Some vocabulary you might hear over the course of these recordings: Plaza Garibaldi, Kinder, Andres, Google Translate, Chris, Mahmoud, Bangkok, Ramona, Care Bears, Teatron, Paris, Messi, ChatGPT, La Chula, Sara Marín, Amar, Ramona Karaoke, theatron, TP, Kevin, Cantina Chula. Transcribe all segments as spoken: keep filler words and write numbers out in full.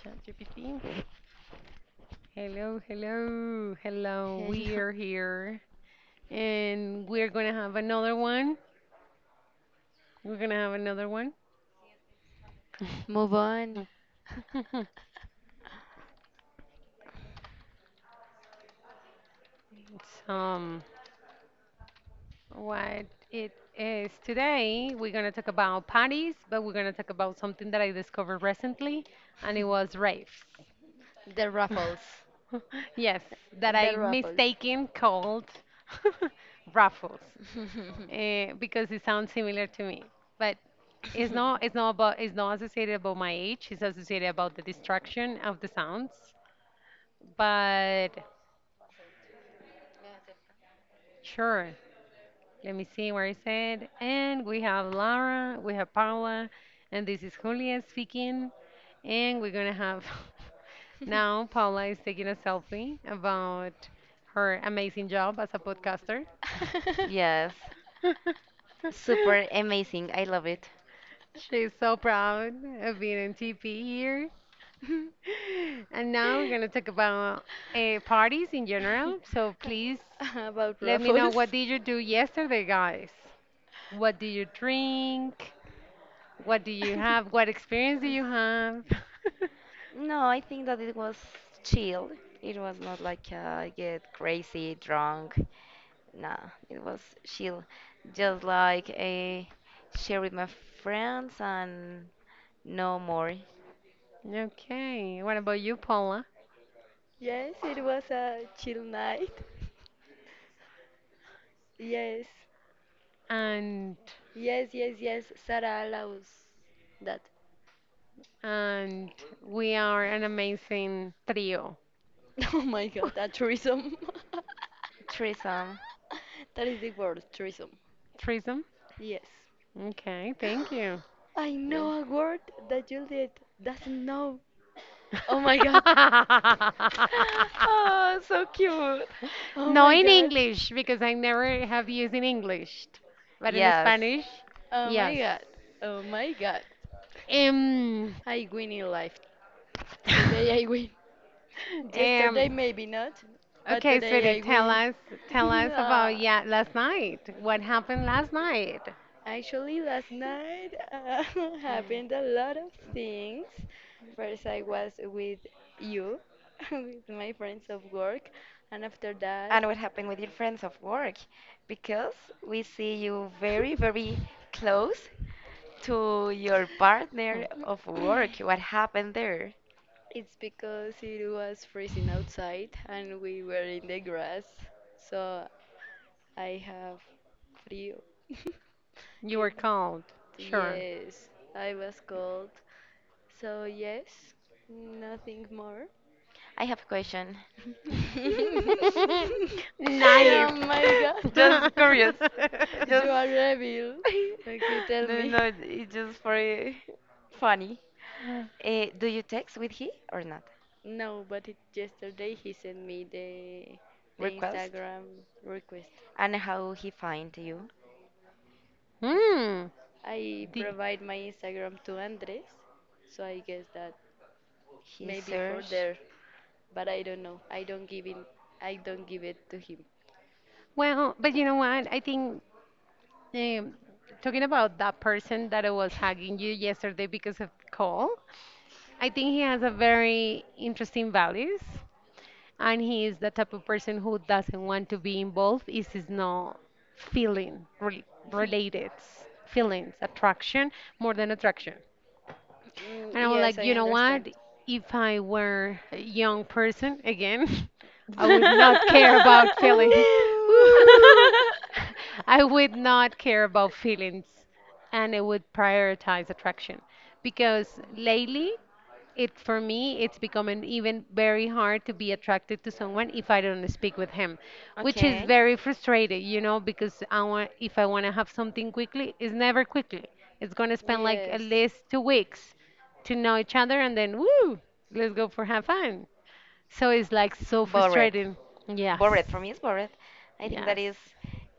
ChatGPT. Hello, hello, hello. Hell We no. are here and we're gonna have another one. We're gonna have another one. Move on. It's, um, what it is today, we're gonna talk about parties, but we're gonna talk about something that I discovered recently, and it was raves. The ruffles. Yes, that I The ruffles. mistaken called raffles, eh, because it sounds similar to me, but It's not it's not about, it's not associated about my age, it's associated about the distraction of the sounds. But sure, let me see where is it. And we have Lara, we have Paula, and this is Julia speaking. And we're gonna have now Paula is taking a selfie about her amazing job as a podcaster. Yes, super amazing. I love it. She's so proud of being in T P here. And now we're going to talk about uh, parties in general. So please About let me know, ruffles. what did you do yesterday, guys? What do you drink? What do you have? What experience do you have? No, I think that it was chill. It was not like uh, get crazy drunk. Nah, it was chill. Just like a share with my friends and no more Okay, what about you, Paula? Yes, it was a chill night. Yes, And yes, yes, yes. Sarah allows that. and we are an amazing trio. Oh my god, a tourism. threesome. That is the word, tourism. Threesome? Yes. Okay, thank you. I Yes. know a word that Juliet doesn't know. Oh my god. Oh, so cute. Oh No, my in god. English, because I never have used in English, but in Yes. Spanish, Oh my yes. god. Oh my god. Um, I win in life. Today I win. um, Yesterday maybe not, but okay, sweetie, today I tell win. us, tell us about Ah. yeah, last night. What happened last night? Actually, last night uh, happened Mm. a lot of things. First, I was with you, with my friends of work, and after that, And what happened with your friends of work? Because we see you very, very close to your Hmm. partner of work. What happened there? it's because it was freezing outside and we were in the grass, so I have frio. You were It- called. Sure. Yes, I was cold. So, yes, nothing more. I have a question. Nice. Oh my god, Just curious. you Just are rebel. Okay, tell no, no, me. no. It's just for uh, funny. Uh, do you text with he or not? No, but it, yesterday he sent me the the Request Instagram request. and how he find you? Hmm. I The- provide my Instagram to Andres, so I guess that He maybe for search. there, but I don't know. I don't give in. I don't give it to him. well, but you know what? I think Um, talking about that person that I was hugging you yesterday because of Cole, I think he has a very interesting values, and he is the type of person who doesn't want to be involved if it's not feeling re related, feelings, attraction more than attraction. Mm, And I was yes, like, I you know understand. what? If I were a young person again, I would not care about feelings. Woo! Ooh. I would not care about feelings and I would prioritize attraction because lately it for me it's becoming even very hard to be attracted to someone if I don't speak with him, which is Okay. very frustrating, you know, because I want, if I want to have something quickly, it's never quickly, it's going to spend like at Yes, least two weeks to know each other, and then woo, let's go for have fun. So it's like so Bored. frustrating. Yes, Bored. For me, it's bored. I think that yes. is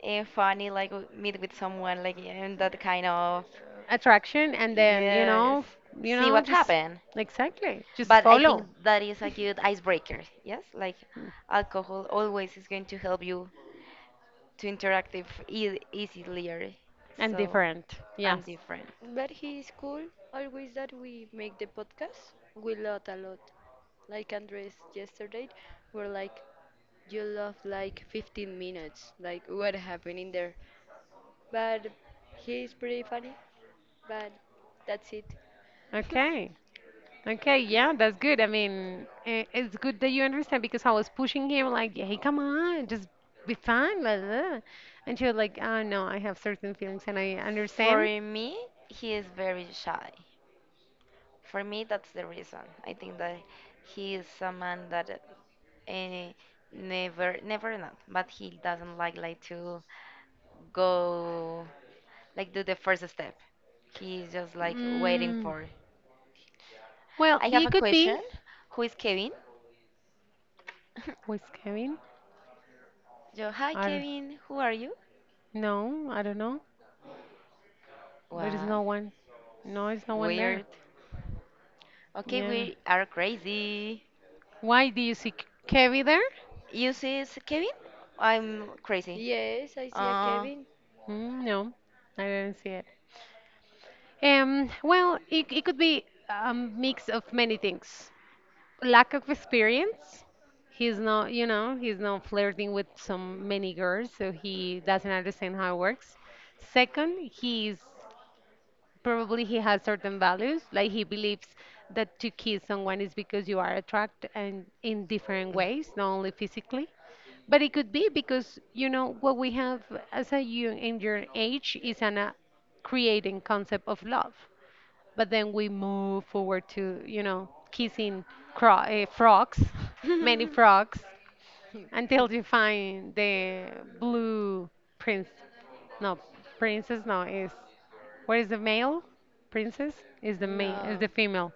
uh, funny, like w- meet with someone, like in that kind of Uh, attraction and then you yes, know f- you see know what just happened. exactly just But I follow. think that is a good icebreaker. Yes, like alcohol always is going to help you to interact if ea- easier. And So, different. Yes. and different. but he is cool. Always that we make the podcast, we laugh a lot. Like Andres yesterday, we're like, you laugh like fifteen minutes. Like, what happened in there? But he is pretty funny, but that's it. Okay. Okay. Yeah, that's good. I mean, i- it's good that you understand, because I was pushing him like, "Hey, come on, just be fun. Blah, blah, blah." And she was like, "Oh, no, I have certain feelings," and I For understand. me, he is very shy. For me, that's the reason. I think that he is a man that and never never not but he doesn't like like to go like do the first step. He's just like waiting Mm, for well, I have it a could be. question, who is Kevin? Who is Kevin? Yo, hi I don't Kevin, who are you? know. I don't know. But it's What no one. No, it's no one there. weird. Okay, Yeah. we are crazy. Why do you see K- Kevin there? You see s- Kevin, I'm crazy. Yes, I see a uh Kevin. Mm, no, I didn't see. Um, well, it, it could be a mix of many things. Lack of experience. He's not, you know, he's not flirting with some many girls, so he doesn't understand how it works. Second, he's probably, he has certain values, like he believes that to kiss someone is because you are attracted and in different ways, not only physically. But it could be because, you know, what we have as a young in your age is an uh, creating concept of love, but then we move forward to, you know, kissing cro- uh, frogs, many frogs until you find the blue prince, no, princess, no, is where is the male princess, is the male, is the No, female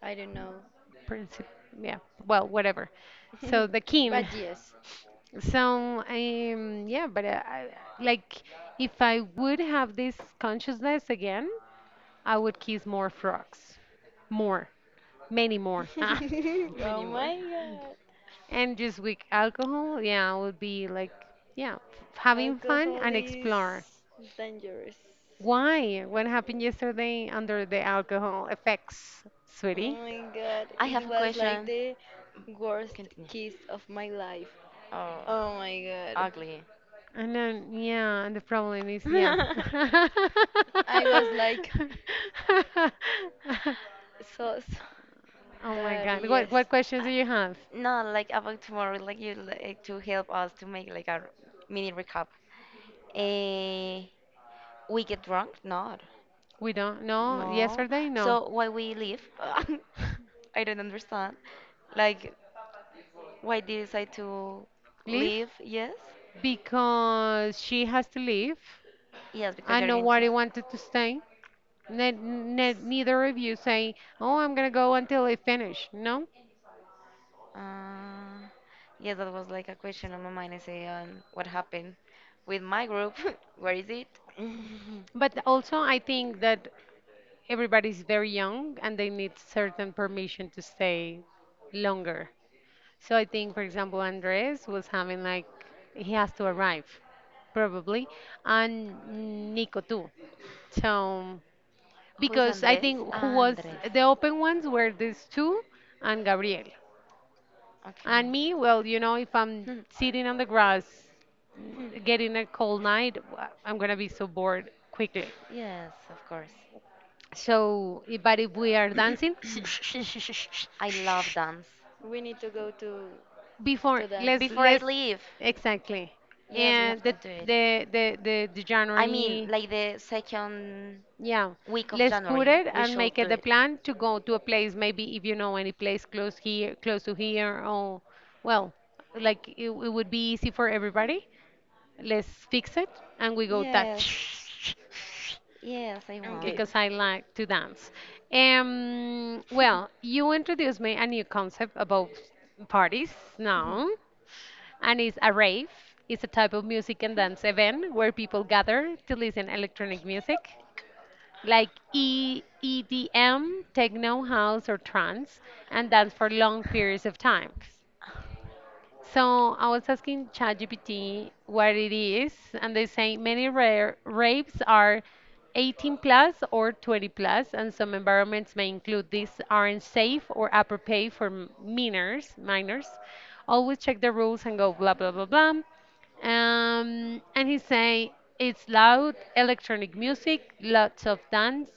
I don't know. prince, yeah, well, whatever, so the king. But yes. So um yeah, but uh, I, like if I would have this consciousness again, I would kiss more frogs, more, many more. Many Oh more. my god. And just with alcohol, yeah, would be like, yeah, f- having fun Alcohol and is explore. dangerous. Why? What happened yesterday under the alcohol effects, Oh sweetie? my god, I have it a was like question. the worst Continue. kiss of my life. Oh, Oh my god. ugly. And then, yeah, and the problem is, yeah. I was like sauce, Oh my but God. What yes. what questions do you have? No, like about tomorrow, like you like to help us to make like a mini recap. Eh, we get drunk? Not. We don't know. No. Yesterday, no. So why we leave? I don't understand. Like why did you decide to Leave? leave? Yes? Because she has to leave. Yes, because I you're know going to. what he wanted to stay. Ne- ne- neither of you say, "Oh, I'm gonna go until I finish." No, Uh, yes, that was like a question on my mind. I say, um, what happened with my group? Where is it? but also I think that everybody's very young and they need certain permission to stay longer. So I think, for example, Andres was having, like, he has to arrive probably, and Nico too. So Who is because I Andres? think who Ah, was Andres. the open ones were these two and Gabriel. Okay. And me, well, you know, if I'm Hmm. sitting on the grass, mm, getting a cold night, w- I'm gonna be so bored quickly. Yes, of course. So, i- but if we are dancing, I love dance. We need to go to before to let's dance. Before I let's leave, exactly, yes, we and have to the do it. the the the, the I mean, January, like the second yeah, week of let's put January. it We and should make do it the it. plan to go to a place. Maybe if you know any place close here, close to here, or well, like it, it would be easy for everybody, let's fix it and we go that. Yes, yes, I want. Because I like to dance. Um, well, you introduced me a new concept about parties Okay. now, and it's a rave. It's a type of music and dance event where people gather to listen electronic music like e- EDM, techno, house, or trance, and dance for long periods of time. So I was asking ChatGPT what it is, and they say many rare rapes are eighteen plus or twenty plus, and some environments may include these aren't safe or appropriate for m- minors. Minors, always check the rules and go blah blah blah blah. Um, and he say it's loud, electronic music, lots of dance,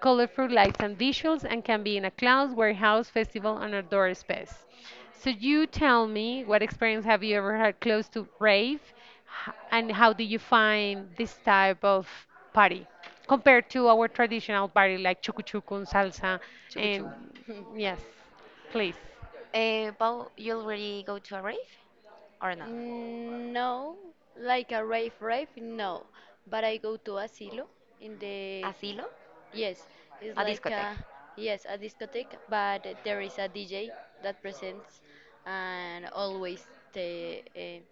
colorful lights and visuals, and can be in a cloud, warehouse, festival, and outdoor space. So you tell me, what experience have you ever had close to rave, h- and how do you find this type of party compared to our traditional party like chucu chucu and salsa? Chugu And chugu. yes, please. Eh, Paul, you already go to a rave or not? No, like a rave rave, no. But I go to asilo in the Asilo? yes, it's A like discotheque. a yes, a discotheque, but there is a D J that presents and always they uh,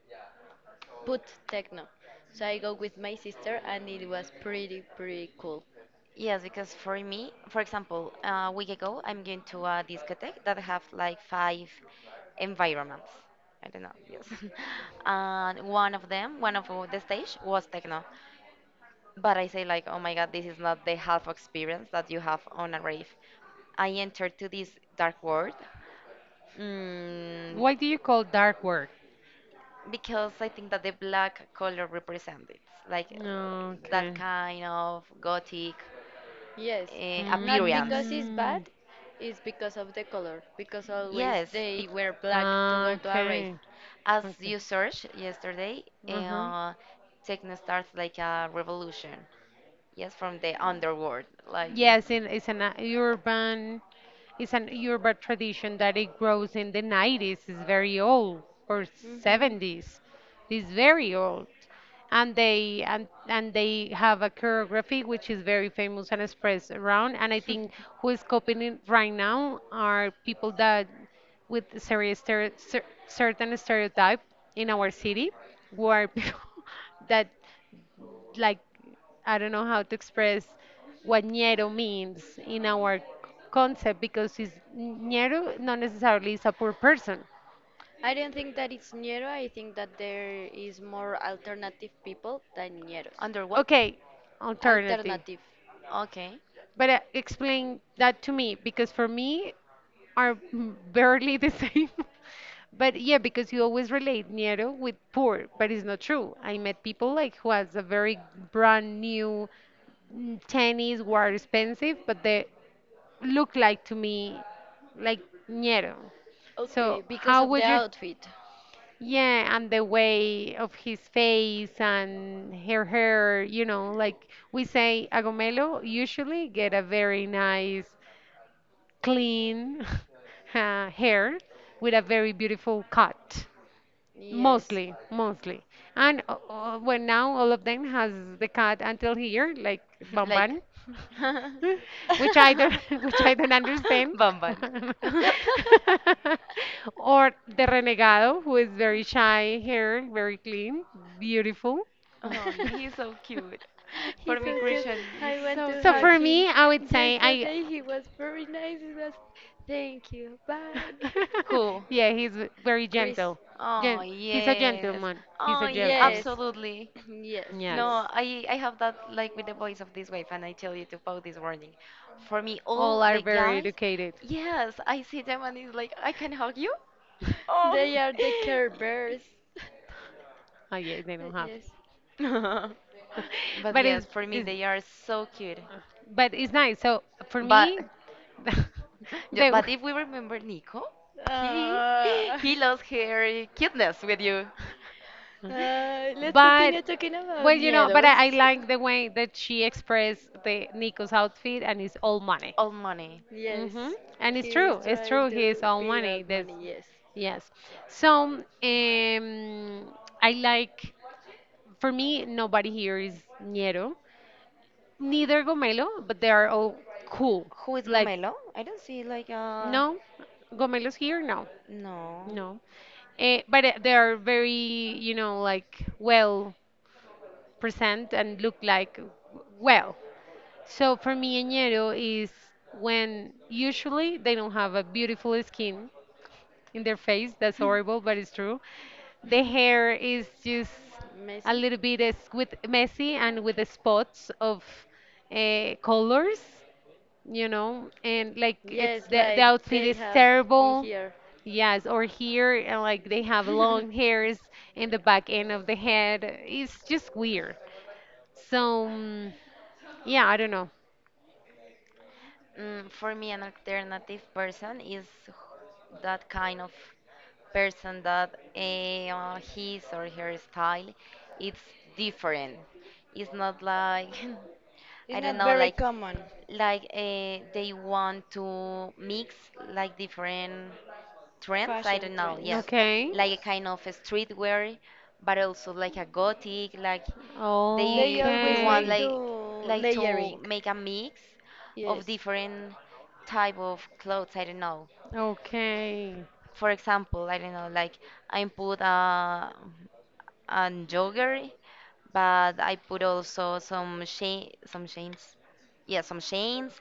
put techno. So I go with my sister and it was pretty pretty cool. Yes, because for me, for example, a week ago, I'm going to a discotheque that have like five environments. I don't know, yes. And one of them, one of the stage was techno. But I say like, oh my God, this is not the half experience that you have on a rave. I entered to this dark world mm, Why do you call dark work? because I think that the black color represents it, like uh, that Okay. kind of gothic Yes, uh, not appearance. because it's bad, Mm. it's because of the color, because always Yes, be- they wear black to Ah, go to a rave. okay. as you Okay. searched yesterday, eh, Uh-huh. uh, techno starts like a revolution. Yes, from the underworld. Like, eh, Yes, in, it's an uh, urban, it's an urban tradition that it grows in the nineties. It's very old, or seventies. It's very old. And they and, and they have a choreography which is very famous and expressed around. And I think who is copying it right now are people that with serious stere- cer- certain stereotype in our city, who are people that, like, I don't know how to express what ñero means in our concept, because is ñero not necessarily is a poor person. I don't think that it's ñero. I think that there is more alternative people than ñeros. under what? Okay, alternative. Alternative. Okay. But uh, explain that to me, because for me are m- barely the same. But yeah, because you always relate ñero with poor, but it's not true. I met people like who has a very brand new, mm, tennis, were expensive, but they look like to me like ñero. Okay, So because how of the would you? outfit. Yeah, and the way of his face and her hair, you know, like we say, Agomelo usually get a very nice, clean uh, hair with a very beautiful cut. Yes. Mostly, mostly. And uh, uh, well, now all of them has the cut until here, like Like. Bamban. Which I don't, which I don't understand. Bamban. Or the renegado, who is very shy, hair very clean, beautiful. Oh, he's so cute. For He's me, so cute. Christian is I want so to So hug cute. for him. me, I would say I. Yesterday he was very nice. He was, thank you. Bye. Who? Yeah, he's very Chris. gentle. Oh, Gen- he's a yes. gentleman. He's Oh, a y- gentleman. Yes. absolutely. Yes, Yes. yes. No, I I have that like with the voice of this wave, and I tell you to post this warning. For me, all All are the very guys, educated. yes, I see them and it's like I can hug you. Oh. They are the Care Bears. Oh yeah, they don't have. Yes. But But yes, it's, for me it's they are so cute. but it's nice. So for But me, yeah, the, but if we remember Nico, he Ah. he lost her cuteness with you. Uh, let's but, continue talking about well, you know, but Nieros. I, I like the way that she expressed the Nico's outfit, and it's all money. Old money. Mm-hmm. Yes, And it's he is true. It's trying true. He is to all pay money. out That's money, yes. yes. So um, I like. For me, nobody here is ñero. Neither Gomelo, but they are all cool. Who is Like Gomelo? I don't see like uh no, Gomelos here, no, no. no. Eh, but eh, they are very, you know, like well present and look like w- well. So for me, añero is when usually they don't have a beautiful skin in their face. That's horrible, but it's true. The hair is just a Messi? little bit is with messy and with the spots of uh, colors, you know, and like it's Yes, the the like outfit they is have in terrible. here. Yes, or here, and like they have long hairs in the back end of the head. It's just weird. So, mm, yeah, I don't know. Mm, for me, an alternative person is wh- that kind of person that eh, uh, his or her style it's different. It's not like I It's don't not know, very like common. like uh, they want to mix like different trends. I Fashion don't know, yes, trends. Okay. like a Yes. kind of a streetwear but also like a gothic, like They they they always want like Okay. do like like to layering. make a mix of Yes, different type of clothes. I don't know, Okay. for example, I don't know, like I put a an jogger but I put also some chain, some chains, yeah, some chains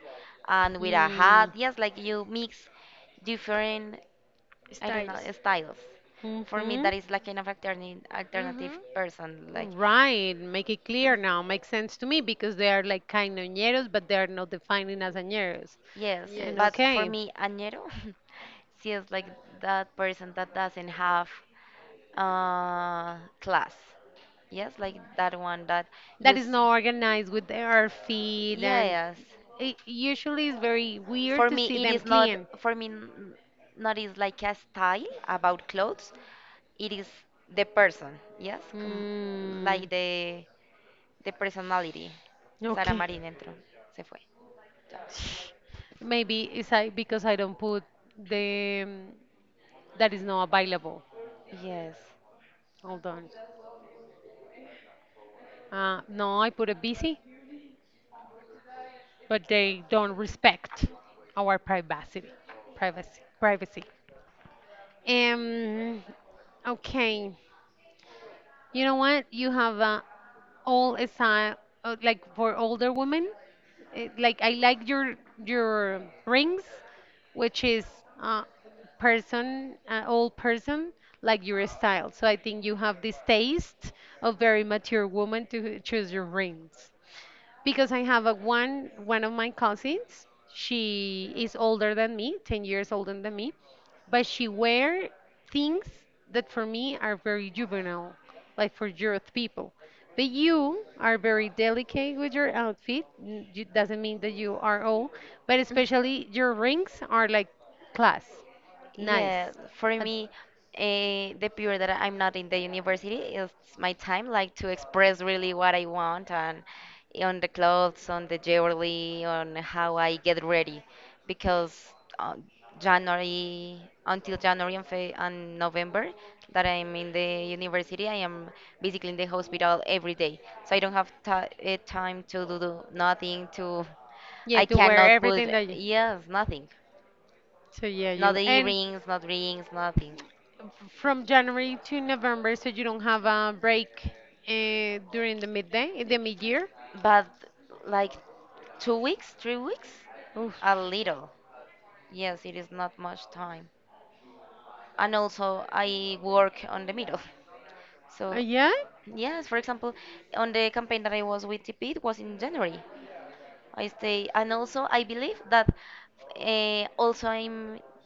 and with a hat. Mm. Yes, like you mix different, I don't know, styles. styles. For me, Mm-hmm. that is like kind of alternative Mm-hmm. alternative person. Like, Right, make it clear now. Makes sense to me because they are like kind of ñeros, but they are not defining as añeros. yes, And Yes. but for okay, me, añero, she is like that person that doesn't have uh class. Yes, like that one that you. that is s- not organized with their feet, and Yes, it usually is very weird for to me see it them is not. clean. For me, n- not is like a style about clothes. It is the person. Yes, com- like Mm, the the personality. Sara okay. Marín entró, se fue. Maybe it's I because I don't put the that is not available. Yes. Hold on. Uh, no, I put a busy. But they don't respect our privacy. Privacy. Privacy. Um. Okay. You know what? You have uh, all style uh, like for older women. Eh, like I like your your rings, which is uh, person, uh, old person, like your style. So I think you have this taste of very mature woman to choose your rings, because I have a one one of my cousins. She is older than me, ten years older than me, but she wear things that for me are very juvenile, like for youth people. But you are very delicate with your outfit. N- you- Doesn't mean that you are old, but especially your rings are like class, nice. Yeah, for Uh, me, eh, the period that I'm not in the university is my time, like to express really what I want and eh, on the clothes, on the jewelry, on how I get ready, because uh, January until January and, Fe and November that I'm in the university, I am basically in the hospital every day, so I don't have ti eh, time to do do nothing. To yeah, I to wear cannot put everything that you. yes, nothing. So yeah, you Not and. earrings, not rings, nothing. From January to November, so you don't have a break uh, during the midday, in the mid-year. But like two weeks, three weeks? Oof. A little. Yes, it is not much time. And also, I work on the middle. Uh, So, yeah? yes, for example, on the campaign that I was with T P, it was in January. I stay, and also, I believe that uh, also I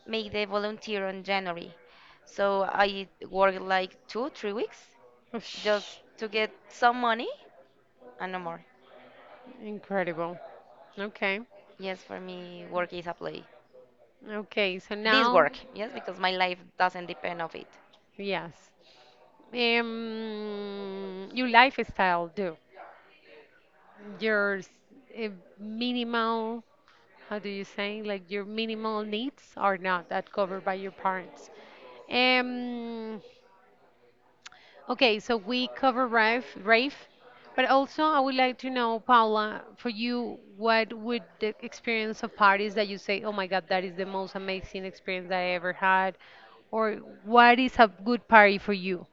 make the volunteer on January. So, I work like two, three weeks just Oof. to get some money and no more. Incredible. Okay. Yes, for me, work is a play. Okay, so This now, work, yes, because my life doesn't depend of it. yes. Um, your lifestyle, do your s- uh, minimal, how do you say, like your minimal needs are not that covered by your parents. Um, Okay, so we cover Rafe, Rafe, but also I would like to know, Paula, for you, what would the experience of parties that you say, oh my God, that is the most amazing experience that I ever had, or what is a good party for you?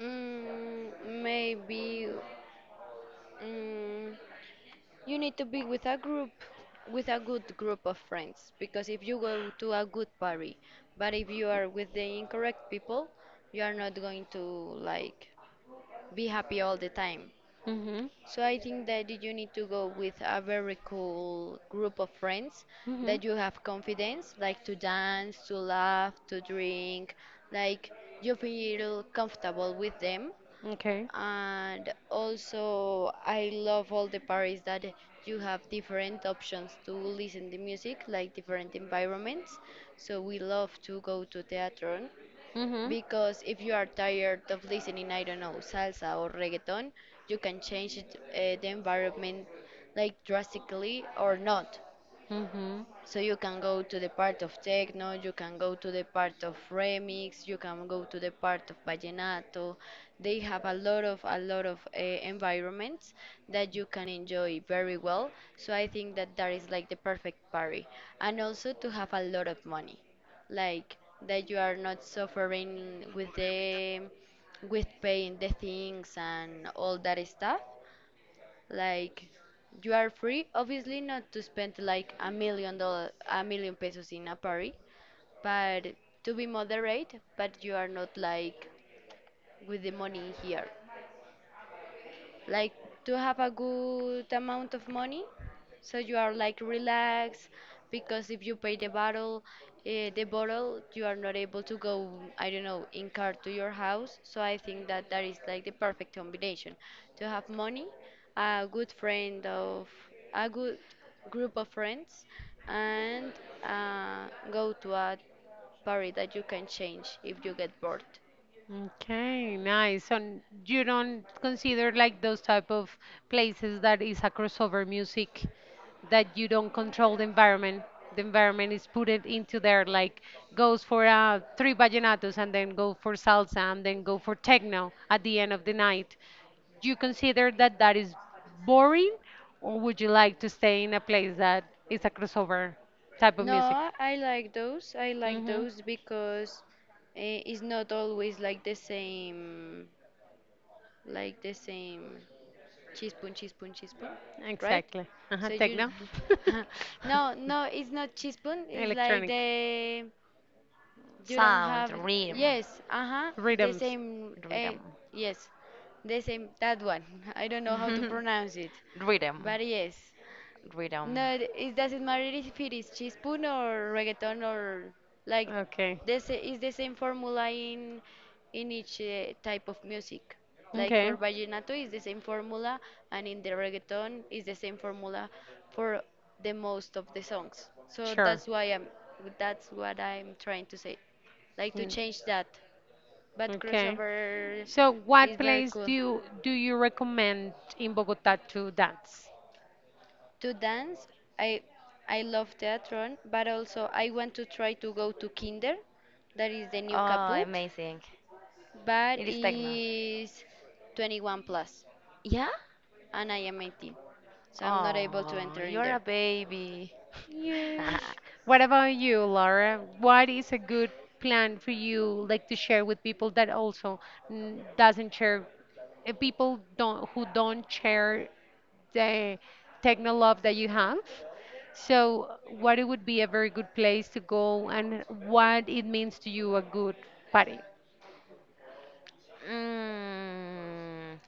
Mm, maybe. Mm, you need to be with a group, with a good group of friends, because if you go to a good party, but if you are with the incorrect people, you are not going to like be happy all the time. Mm-hmm. So I think that you need to go with a very cool group of friends Mm-hmm. that you have confidence, like to dance, to laugh, to drink, like you feel comfortable with them, Okay. and also, I love all the parties that you have different options to listen to music, like different environments. So we love to go to theatron Mm-hmm. because if you are tired of listening, I don't know, salsa or reggaeton, you can change it, uh, the environment like drastically or not. Mm-hmm. So you can go to the part of techno, you can go to the part of remix, you can go to the part of vallenato. They have a lot of a lot of uh, environments that you can enjoy very well. So I think that that is like the perfect party, and also to have a lot of money, like that you are not suffering with the with paying the things and all that stuff. Like you are free, obviously not to spend like a million dollar, a million pesos in a party, but to be moderate, but you are not like with the money here. Like to have a good amount of money so you are like relaxed, because if you pay the bottle, uh, the bottle, you are not able to go, I don't know, in car to your house. So I think that that is like the perfect combination: to have money, a good friend of a good group of friends, and uh, go to a party that you can change if you get bored. Okay, nice. So n- you don't consider like those type of places that is a crossover music that you don't control the environment. The environment is put it into there, like goes for uh, three vallenatos and then go for salsa and then go for techno at the end of the night. Do you consider that that is boring, or would you like to stay in a place that is a crossover type of music? No, I like those. I like Mm-hmm, those because eh, it's not always like the same, like the same chispun, chispun, chispun, right? exactly. Uh-huh, So you, techno. no, no, it's not chispun. It's like Electronic the you don't Sound, have. rhythm, Yes, uh huh, the rhythms. same. Uh, rhythm, Yes, the same. That one. I don't know how to pronounce it, rhythm, but yes. rhythm. No, it it doesn't matter if it is chispun or reggaeton, or like Okay. this is the same formula in in each uh, type of music. Like Okay. for vallenato is the same formula, and in the reggaeton is the same formula for the most of the songs. So Sure. that's why I'm that's what I'm trying to say. Like to Mm. change that, but Okay. crossover So is what very place cool do you do you recommend in Bogota to dance? to dance. I I love theatron, but also I want to try to go to Kinder, that is the new Oh, kaput, amazing. but It is techno. is twenty-one plus, Yeah? and I am eighteen, so I'm not able to Oh, enter in you're a there. baby. Yes. What about you, Laura? What is a good plan for you, like to share with people that also mm, doesn't share, uh, people don't who don't share the techno love that you have? So what it would be a very good place to go, and what it means to you a good party? Mm,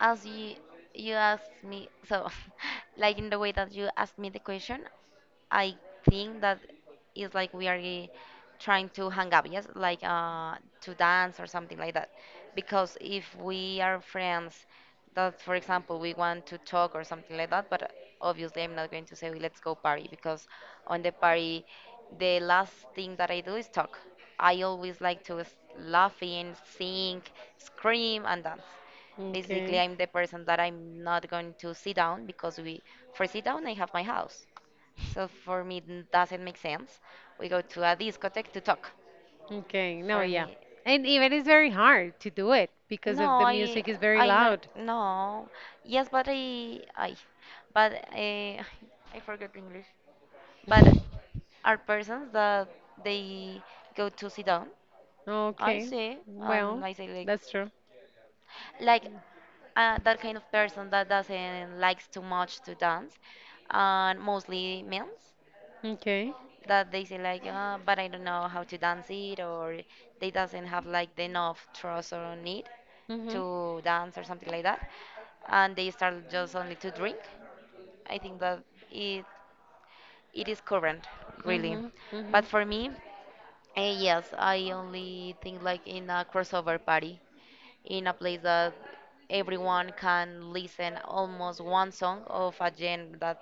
as you you asked me, so like in the way that you asked me the question, I think that it's like we are eh, trying to hang up, yes, like uh, to dance or something like that. Because if we are friends, that for example we want to talk or something like that, but obviously I'm not going to say "Hey, let's go party," because on the party, the last thing that I do is talk. I always like to s- laughing, sing, scream, and dance. Basically Okay. I'm the person that I'm not going to sit down because we for sit down I have my house. So for me, it doesn't make sense. We go to a discotheque to talk. Okay, no, For yeah. me, And even it's very hard to do it because no, of the I, music is very I know, loud. no, yes, but I, I, but I, I forgot English. But are persons that they go to sit down? I Okay, see, well, and I say like, that's true. like uh, that kind of person that doesn't likes too much to dance, and mostly men Okay. that they say like, uh, but I don't know how to dance it, or they doesn't have like the enough trust or need Mhm. to dance or something like that, and they start just only to drink. I think that it it is current, really. Mhm. But Mhm. for me, eh, yes, I only think like in a crossover party in a place that everyone can listen almost one song of a genre that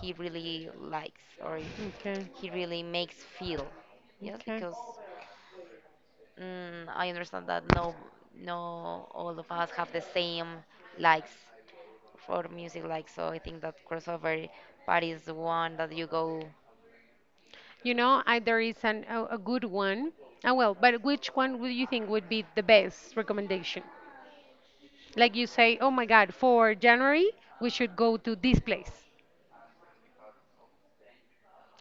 he really likes or Okay. he really makes feel. Yes, Okay. because mm, I understand that no, no, all of us have the same likes for music. Like so, I think that crossover part is the one that you go. You know, I, there is an, a, a good one. Ah, well, but which one would you think would be the best recommendation? Like you say, oh my God, for January, we should go to this place.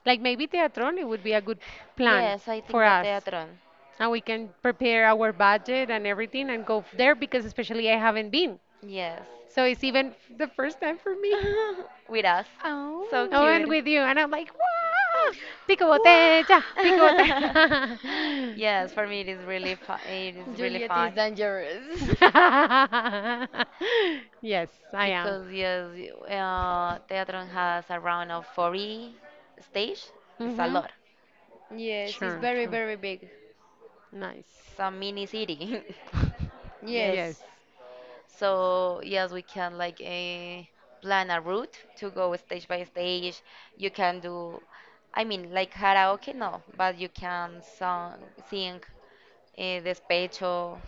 Like maybe Teatron, it would be a good plan Yes, I for think that us. Teatron. And we can prepare our budget and everything and go f- there because especially I haven't been. Yes, So it's even f- the first time for me. with us, so I went cute. Oh. with you, and I'm like, wow, pico botella, Wow. pico botella. Yes, for me it is really fun. It is really Juliet is fun dangerous. Yes, I am. because yes, uh, Teatron has around of forty stage. It's a Mm-hmm. lot. Yes, it's Sure, very sure. very big. Nice. It's a mini city. Yes. Yes, Yes, So yes, we can like eh, plan a route to go stage by stage. You can do, I mean, like karaoke, no, but you can song, sing eh, despecho.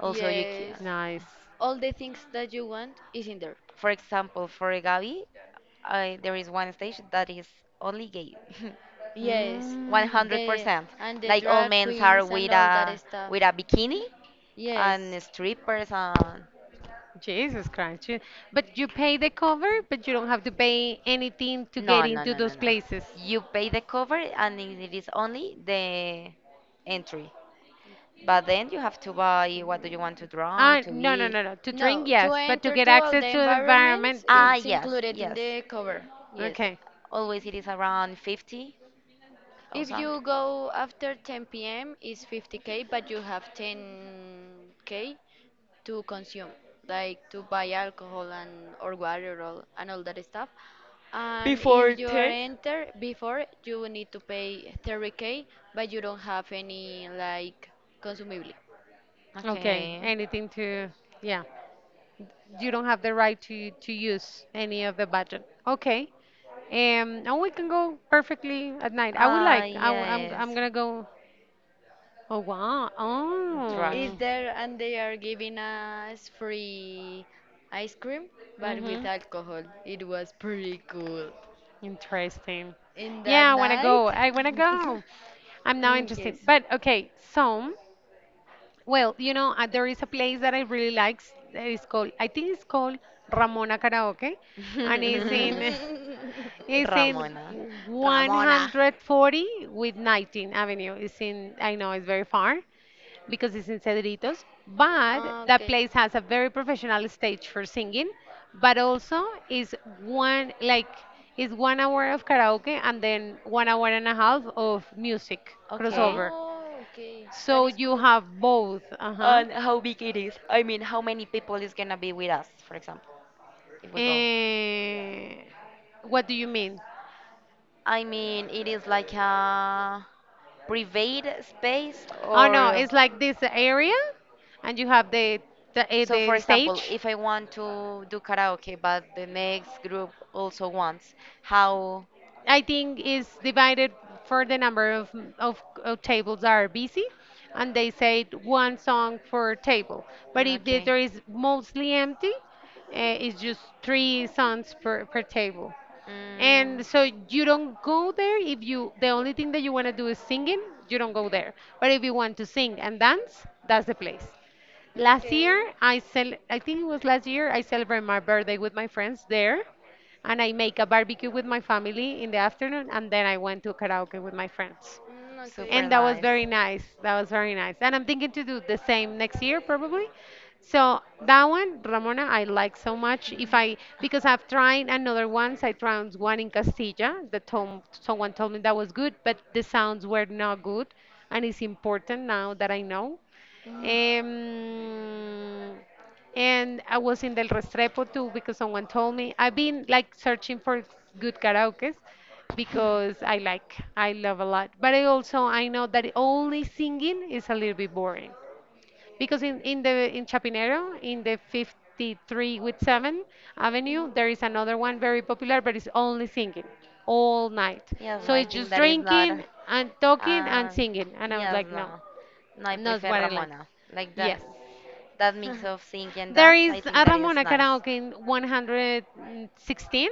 Also, you yes. can. nice. All the things that you want is in there. For example, for Gabi, I, there is one stage that is only gay, Yes, Mm. the one hundred percent. and the Like all drag men are queens and with all that a stuff. with a bikini Yes. and strippers and Jesus Christ. you- But you pay the cover, but you don't have to pay anything to get no no into no no those no. places. You pay the cover and it is only the entry. But then you have to buy what do you want to drink Ah, to no, no, eat. no, no. To drink, No, to yes, but to enter get to all access the to the environment, environments, Ah it's yes included in yes. the cover. no. Yes. Okay, Always it is around fifty If thousand. you go after ten p m, it's fifty k, but you have ten k to consume, like to buy alcohol and or water all, and all that stuff. And Before if you are ten? enter before, you need to pay thirty k, but you don't have any like consumable. okay. Okay. Anything to, yeah. You don't have the right to to use any of the budget. Okay. Um, and we can go perfectly at night. I would Ah like. I w I'm yes. I'm gonna go. Oh wow. Drag. Is Oh. there and they are giving us free ice cream, but with Mm-hmm. alcohol. It was pretty cool. Interesting. In Yeah, that I wanna night, go. I wanna go. I'm now mm, yes. interested. But okay, so. Well, you know, uh, there is a place that I really like. It's called, I think it's called Ramona Karaoke, and it's in it's in Ramona. Ramona. one hundred forty with nineteenth Avenue. It's in, I know it's very far because it's in Cedritos, but that Okay. place has a very professional stage for singing, but also is one like is one hour of karaoke and then one hour and a half of music Okay. crossover. Oh, okay. That So is you cool. have both, uh-huh. And how big it is? I mean, how many people is gonna be with us, for example, if we go? Eh, what do you mean? I mean, it is like a private space Oh no, or. it's like this area, and you have the the, eh, So, for the example, stage. if I want to do karaoke, but the next group also wants, how I think it's divided for the number of, of, of tables that are busy, and they say one song per table. But Mm, if the Okay. there is mostly empty, uh, it's just three songs per, per table. Mm. And so you don't go there if you the only thing that you want to do is singing, you don't go there. But if you want to sing and dance, that's the place. Last year Okay. I cel I think it was last year I celebrated my birthday with my friends there and I make a barbecue with my family in the afternoon and then I went to karaoke with my friends. Mm, okay. Super And that was nice. very nice. That was very nice. And I'm thinking to do the same next year probably. So that one, Ramona, I like so much. If I because I've tried another ones, I tried one in Castilla. The tom Someone told me that was good, but the sounds were not good, and it's important now that I know. Mm. Um, and I was in Del Restrepo too because someone told me I've been like searching for good karaoke's because I like I love a lot, but I also I know that only singing is a little bit boring because in in the in Chapinero in the fifty-three with seven Avenue there is another one very popular but it's only singing all night. Yes, no, So I it's think just that is not. drinking and talking and Uh, singing and I was yes, like no, no. No, I not prefer what I like. Ramona. Like that, Yes. that mix Ah. of sing and There dance, is I think a that is Ramona nice. karaoke in one hundred sixteen,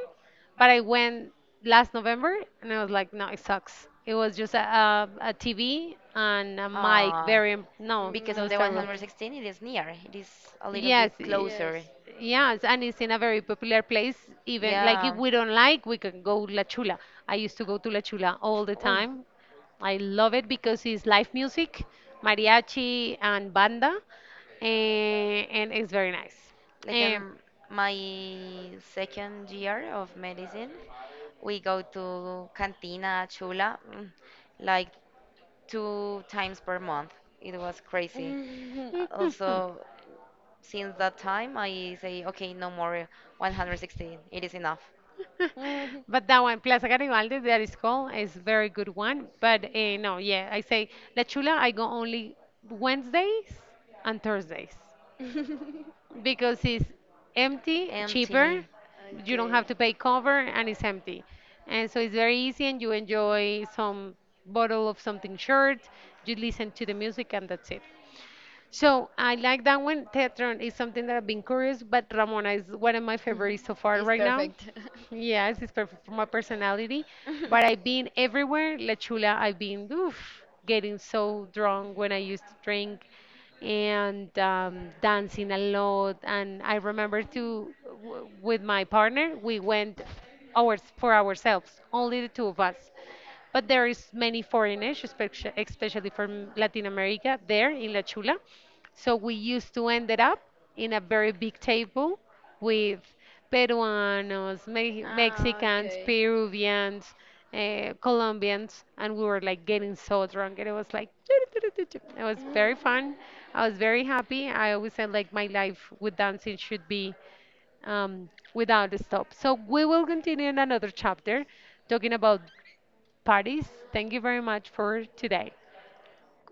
but I went last November and I was like, no, it sucks. It was just a, T V and a mic, Uh, very, im- no, Mm, because in those the ah, terrible. okay. one hundred sixteen it is near, it is a little bit Yes, i- closer. Yes. yes, and it's in a very popular place. Even like if Yeah. we don't like, we can go La Chula. I used to go to La Chula all the Oh, time. I love it because it's live music, mariachi and banda, and, and it's very nice. like Eh, in my second year of medicine, we go to Cantina Chula mm, like two times per month. It was crazy. Mhm. Also, since that time, I say, okay, no more one hundred sixteen. It is enough. Mhm. but that one, Plaza Garibaldi, that is called, is very good one. But uh, no, yeah, I say La Chula, I go only Wednesdays and Thursdays, because it's empty, cheaper. Empty. You don't Okay. have to pay cover, and it's empty. And so it's very easy, and you enjoy some bottle of something short. You listen to the music, and that's it. So I like that one. Tetron is something that I've been curious, but Ramona is one of my favorites so far It's right now. perfect. Yes, it's perfect for my personality. But I've been everywhere. La Chula, I've been oof, getting so drunk when I used to drink and um, dancing a lot. And I remember too, w- with my partner, we went ours for ourselves, only the two of us. But there is many foreigners, espec- especially from Latin America, there in La Chula. So we used to ended up in a very big table with Peruanos, Me- ah, Mexicans, okay. Peruvians, uh, Colombians, and we were like getting so drunk, and it was like it was very fun. I was very happy. I always said like my life with dancing should be um, without a stop. So we will continue in another chapter talking about parties. Thank you very much for today.